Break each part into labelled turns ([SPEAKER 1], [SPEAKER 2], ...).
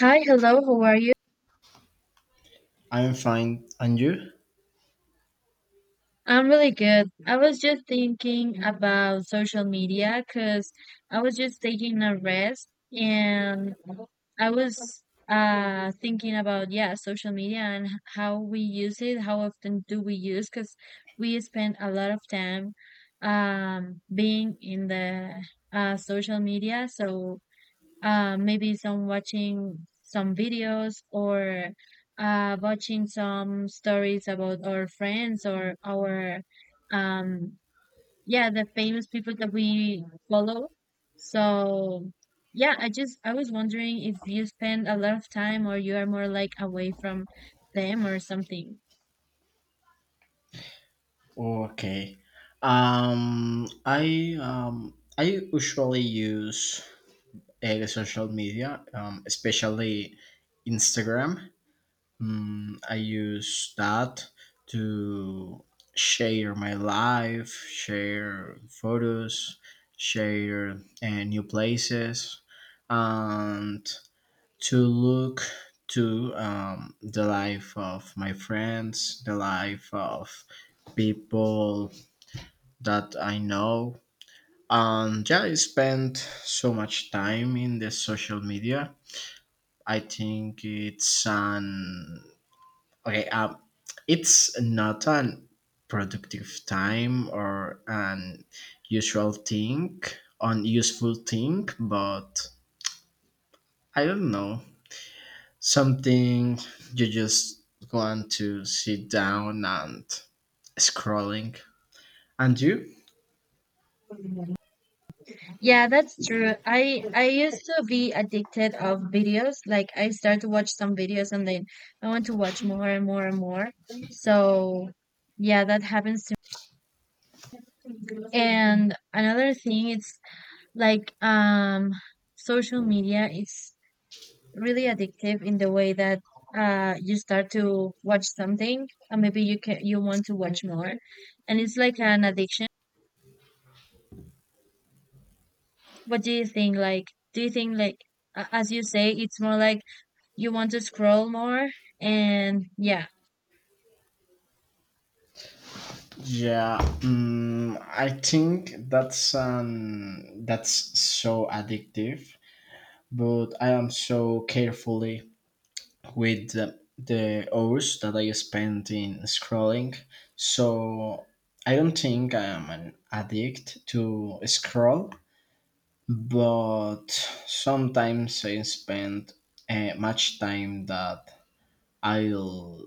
[SPEAKER 1] Hi, hello, how are you?
[SPEAKER 2] I'm fine. And you?
[SPEAKER 1] I'm really good. I was just thinking about social media because I was just taking a rest and I was thinking about yeah, social media and how we use it, how often do we use because we spend a lot of time being in the social media. So maybe some watching some videos or watching some stories about our friends or our um, yeah the famous people that we follow so yeah I just I was wondering if you spend a lot of time or you are more like away from them or something.
[SPEAKER 2] Okay. I usually use the social media, especially Instagram. I use that to share my life, share photos, share new places, and to look to the life of my friends, the life of people that I know. And yeah, I spend so much time in the social media. I think it's an okay. It's not an productive time or an usual thing, an useful thing, but I don't know. Something you just want to sit down and scrolling. And you?
[SPEAKER 1] Yeah, that's true. I used to be addicted of videos. Like I start to watch some videos and then I want to watch more and more and more. So yeah, that happens to. And another thing it's like social media is really addictive in the way that you start to watch something and maybe you want to watch more. And it's like an addiction. What do you think? Like do you think like as you say, it's more like you want to scroll more and yeah.
[SPEAKER 2] Yeah, I think that's so addictive. But I am so carefully with the hours that I spend in scrolling. So I don't think I am an addict to scroll, but sometimes I spend much time that I'll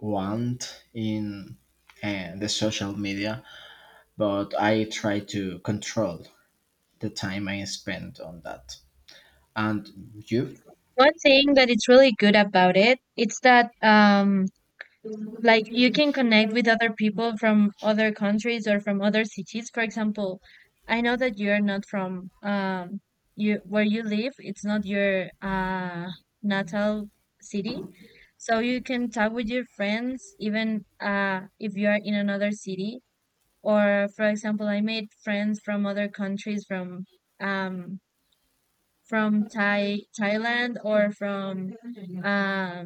[SPEAKER 2] want in the social media, but I try to control the time I spend on that. And you?
[SPEAKER 1] One thing that it's really good about it it's that like you can connect with other people from other countries or from other cities. For example, I know that you're not from you where you live it's not your natal city, so you can talk with your friends even if you are in another city. Or for example, I made friends from other countries, um from Thailand, or from um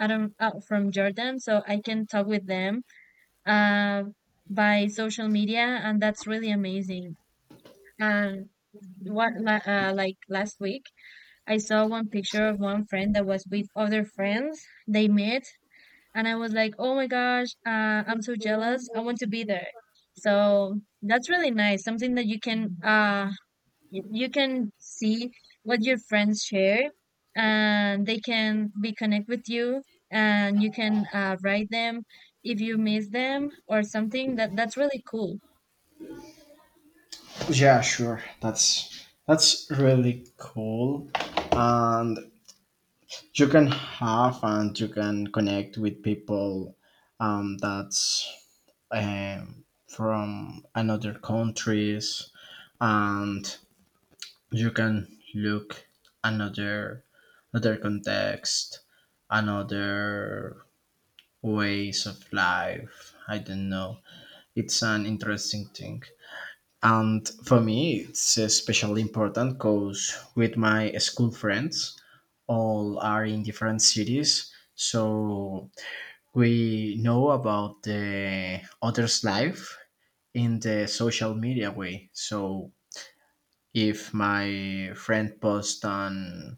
[SPEAKER 1] I don't from Jordan, so I can talk with them, uh, by social media, and that's really amazing. And like last week, I saw one picture of one friend that was with other friends they met, and I was like, oh my gosh, I'm so jealous. I want to be there. So that's really nice. Something that you can you can see what your friends share and they can be connect with you, and you can write them if you miss them or something. That that's really cool.
[SPEAKER 2] Yeah, sure. That's really cool, and you can connect with people that's from another countries, and you can look another another context, another ways of life. I don't know, it's an interesting thing. And for me it's especially important, because with my school friends all are in different cities, so we know about the others life in the social media way. So if my friend posts on,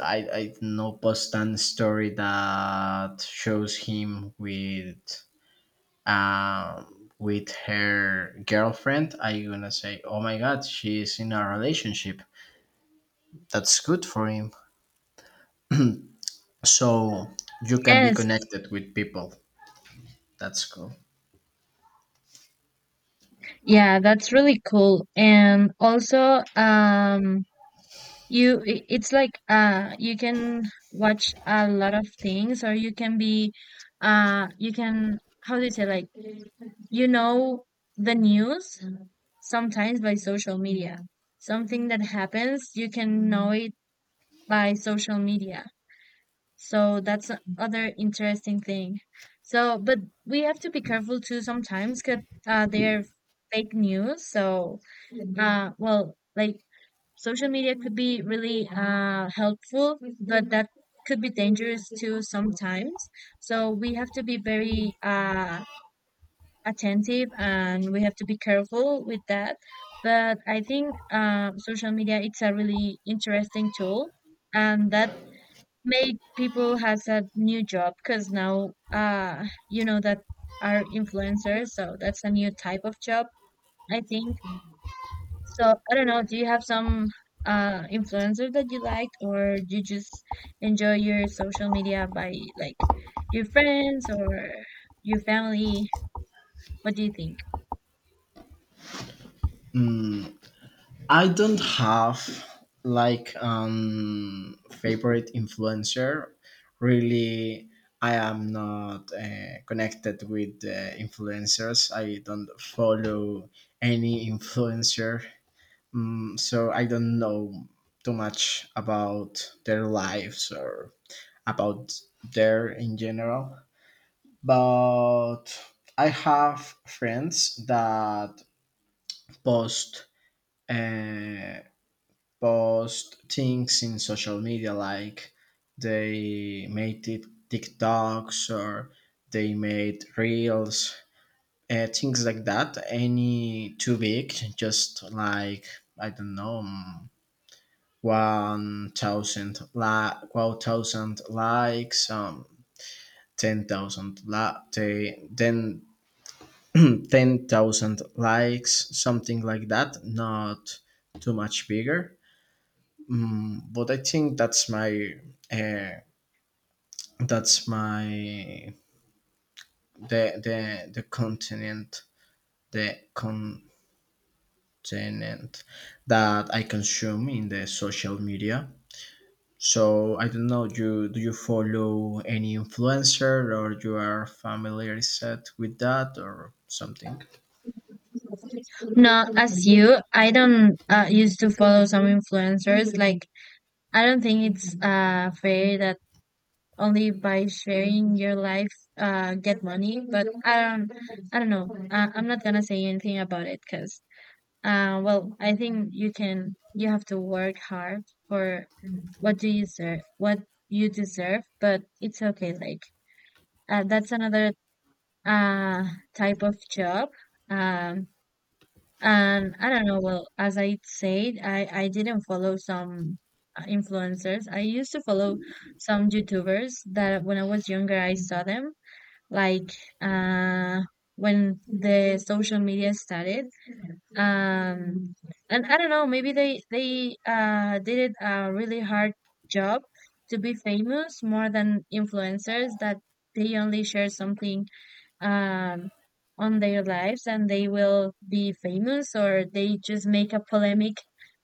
[SPEAKER 2] I know, post on story that shows him with her girlfriend, I gonna say oh my god, she's in a relationship. That's good for him. So you can be
[SPEAKER 1] Yes.
[SPEAKER 2] connected with people. That's cool.
[SPEAKER 1] Yeah, that's really cool. And also you it's like you can watch a lot of things, or you can be you can how do you say, like, you know, the news, sometimes by social media. Something that happens, you can know it by social media. So that's another interesting thing. So, but we have to be careful too sometimes because they're fake news. So, well, like, social media could be really helpful, but that could be dangerous too sometimes. So we have to be very attentive, and we have to be careful with that. But I think social media it's a really interesting tool, and that made people has a new job, because now you know that are influencers, so that's a new type of job I think. So I don't know. Do you have some influencer that you like, or you just enjoy your social media by like your friends or your family? What do you think?
[SPEAKER 2] I don't have like favorite influencer. Really, I am not connected with influencers. I don't follow any influencer, so I don't know too much about their lives or about their in general. But I have friends that post uh, post things in social media like they made TikToks or they made reels, things like that. Any too big, just like I don't know, one thousand likes, ten thousand li- they- then 10,000 likes, something like that. Not too much bigger. But I think uh, that's my the the the continent the continent that I consume in the social media. So I don't know. You do you follow any influencer, or you are familiarized with that, or something?
[SPEAKER 1] Not as you. I don't used to follow some influencers. Like, I don't think it's fair that only by sharing your life get money. But I don't. I don't know. I'm not gonna say anything about it because well I think you can. You have to work hard for what do you deserve. What you deserve. But it's okay. Like that's another uh type of job. Um, And I don't know, well, as I said, I didn't follow some influencers. I used to follow some YouTubers that when I was younger, I saw them. Like uh, when the social media started. Um, and I don't know, maybe they did it a really hard job to be famous, more than influencers that they only share something um, on their lives and they will be famous, or they just make a polemic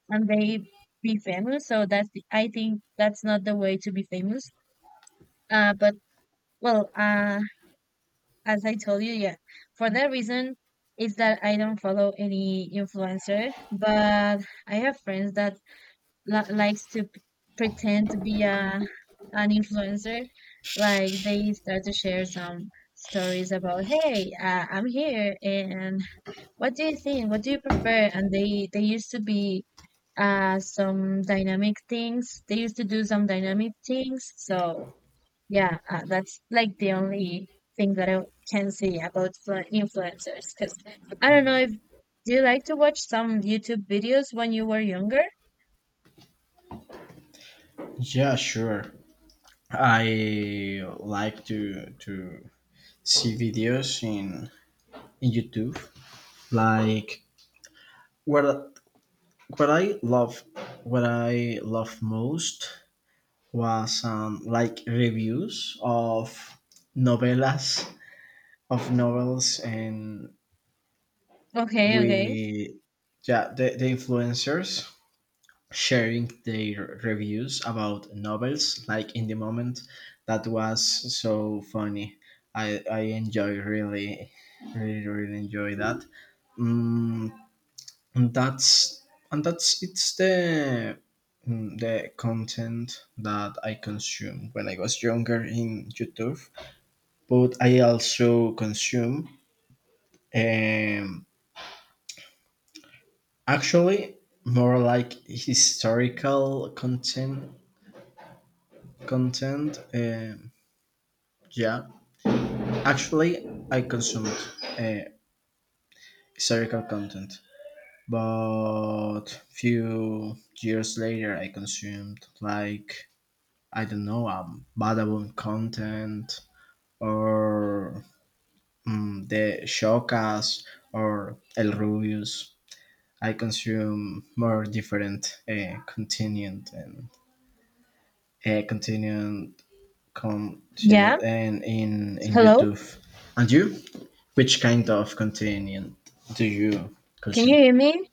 [SPEAKER 1] and they be famous. So that's the, I think that's not the way to be famous. Uh, but well, uh, as I told you, yeah, for that reason is that I don't follow any influencer, but I have friends that li likes to p pretend to be a an influencer. Like they start to share some stories about, hey, I'm here and what do you think? What do you prefer? And they used to be some dynamic things. They used to do some dynamic things. So yeah, that's like the only thing that I can say about influencers. Because I don't know if do you like to watch some YouTube videos when you were younger?
[SPEAKER 2] Yeah, sure. I like to see videos in YouTube, like where What I love, what I love most was like reviews of novellas, of novels, and
[SPEAKER 1] Okay, okay.
[SPEAKER 2] we, yeah, the influencers sharing their reviews about novels. Like in the moment, that was so funny. I enjoy really, really really enjoy that. Mm, and that's and that's it's the mm, the content that I consume when I was younger in YouTube, but I also consume um actually more like historical content, yeah, actually I consumed uh, historical content. But few years later I consumed like I don't know, Badabun content, or the Showcast, or El Rubius. I consume more different content and uh, content content
[SPEAKER 1] Yeah.
[SPEAKER 2] and in
[SPEAKER 1] Hello.
[SPEAKER 2] YouTube. And you, which kind of content do you
[SPEAKER 1] Can you
[SPEAKER 2] consume?
[SPEAKER 1] hear me?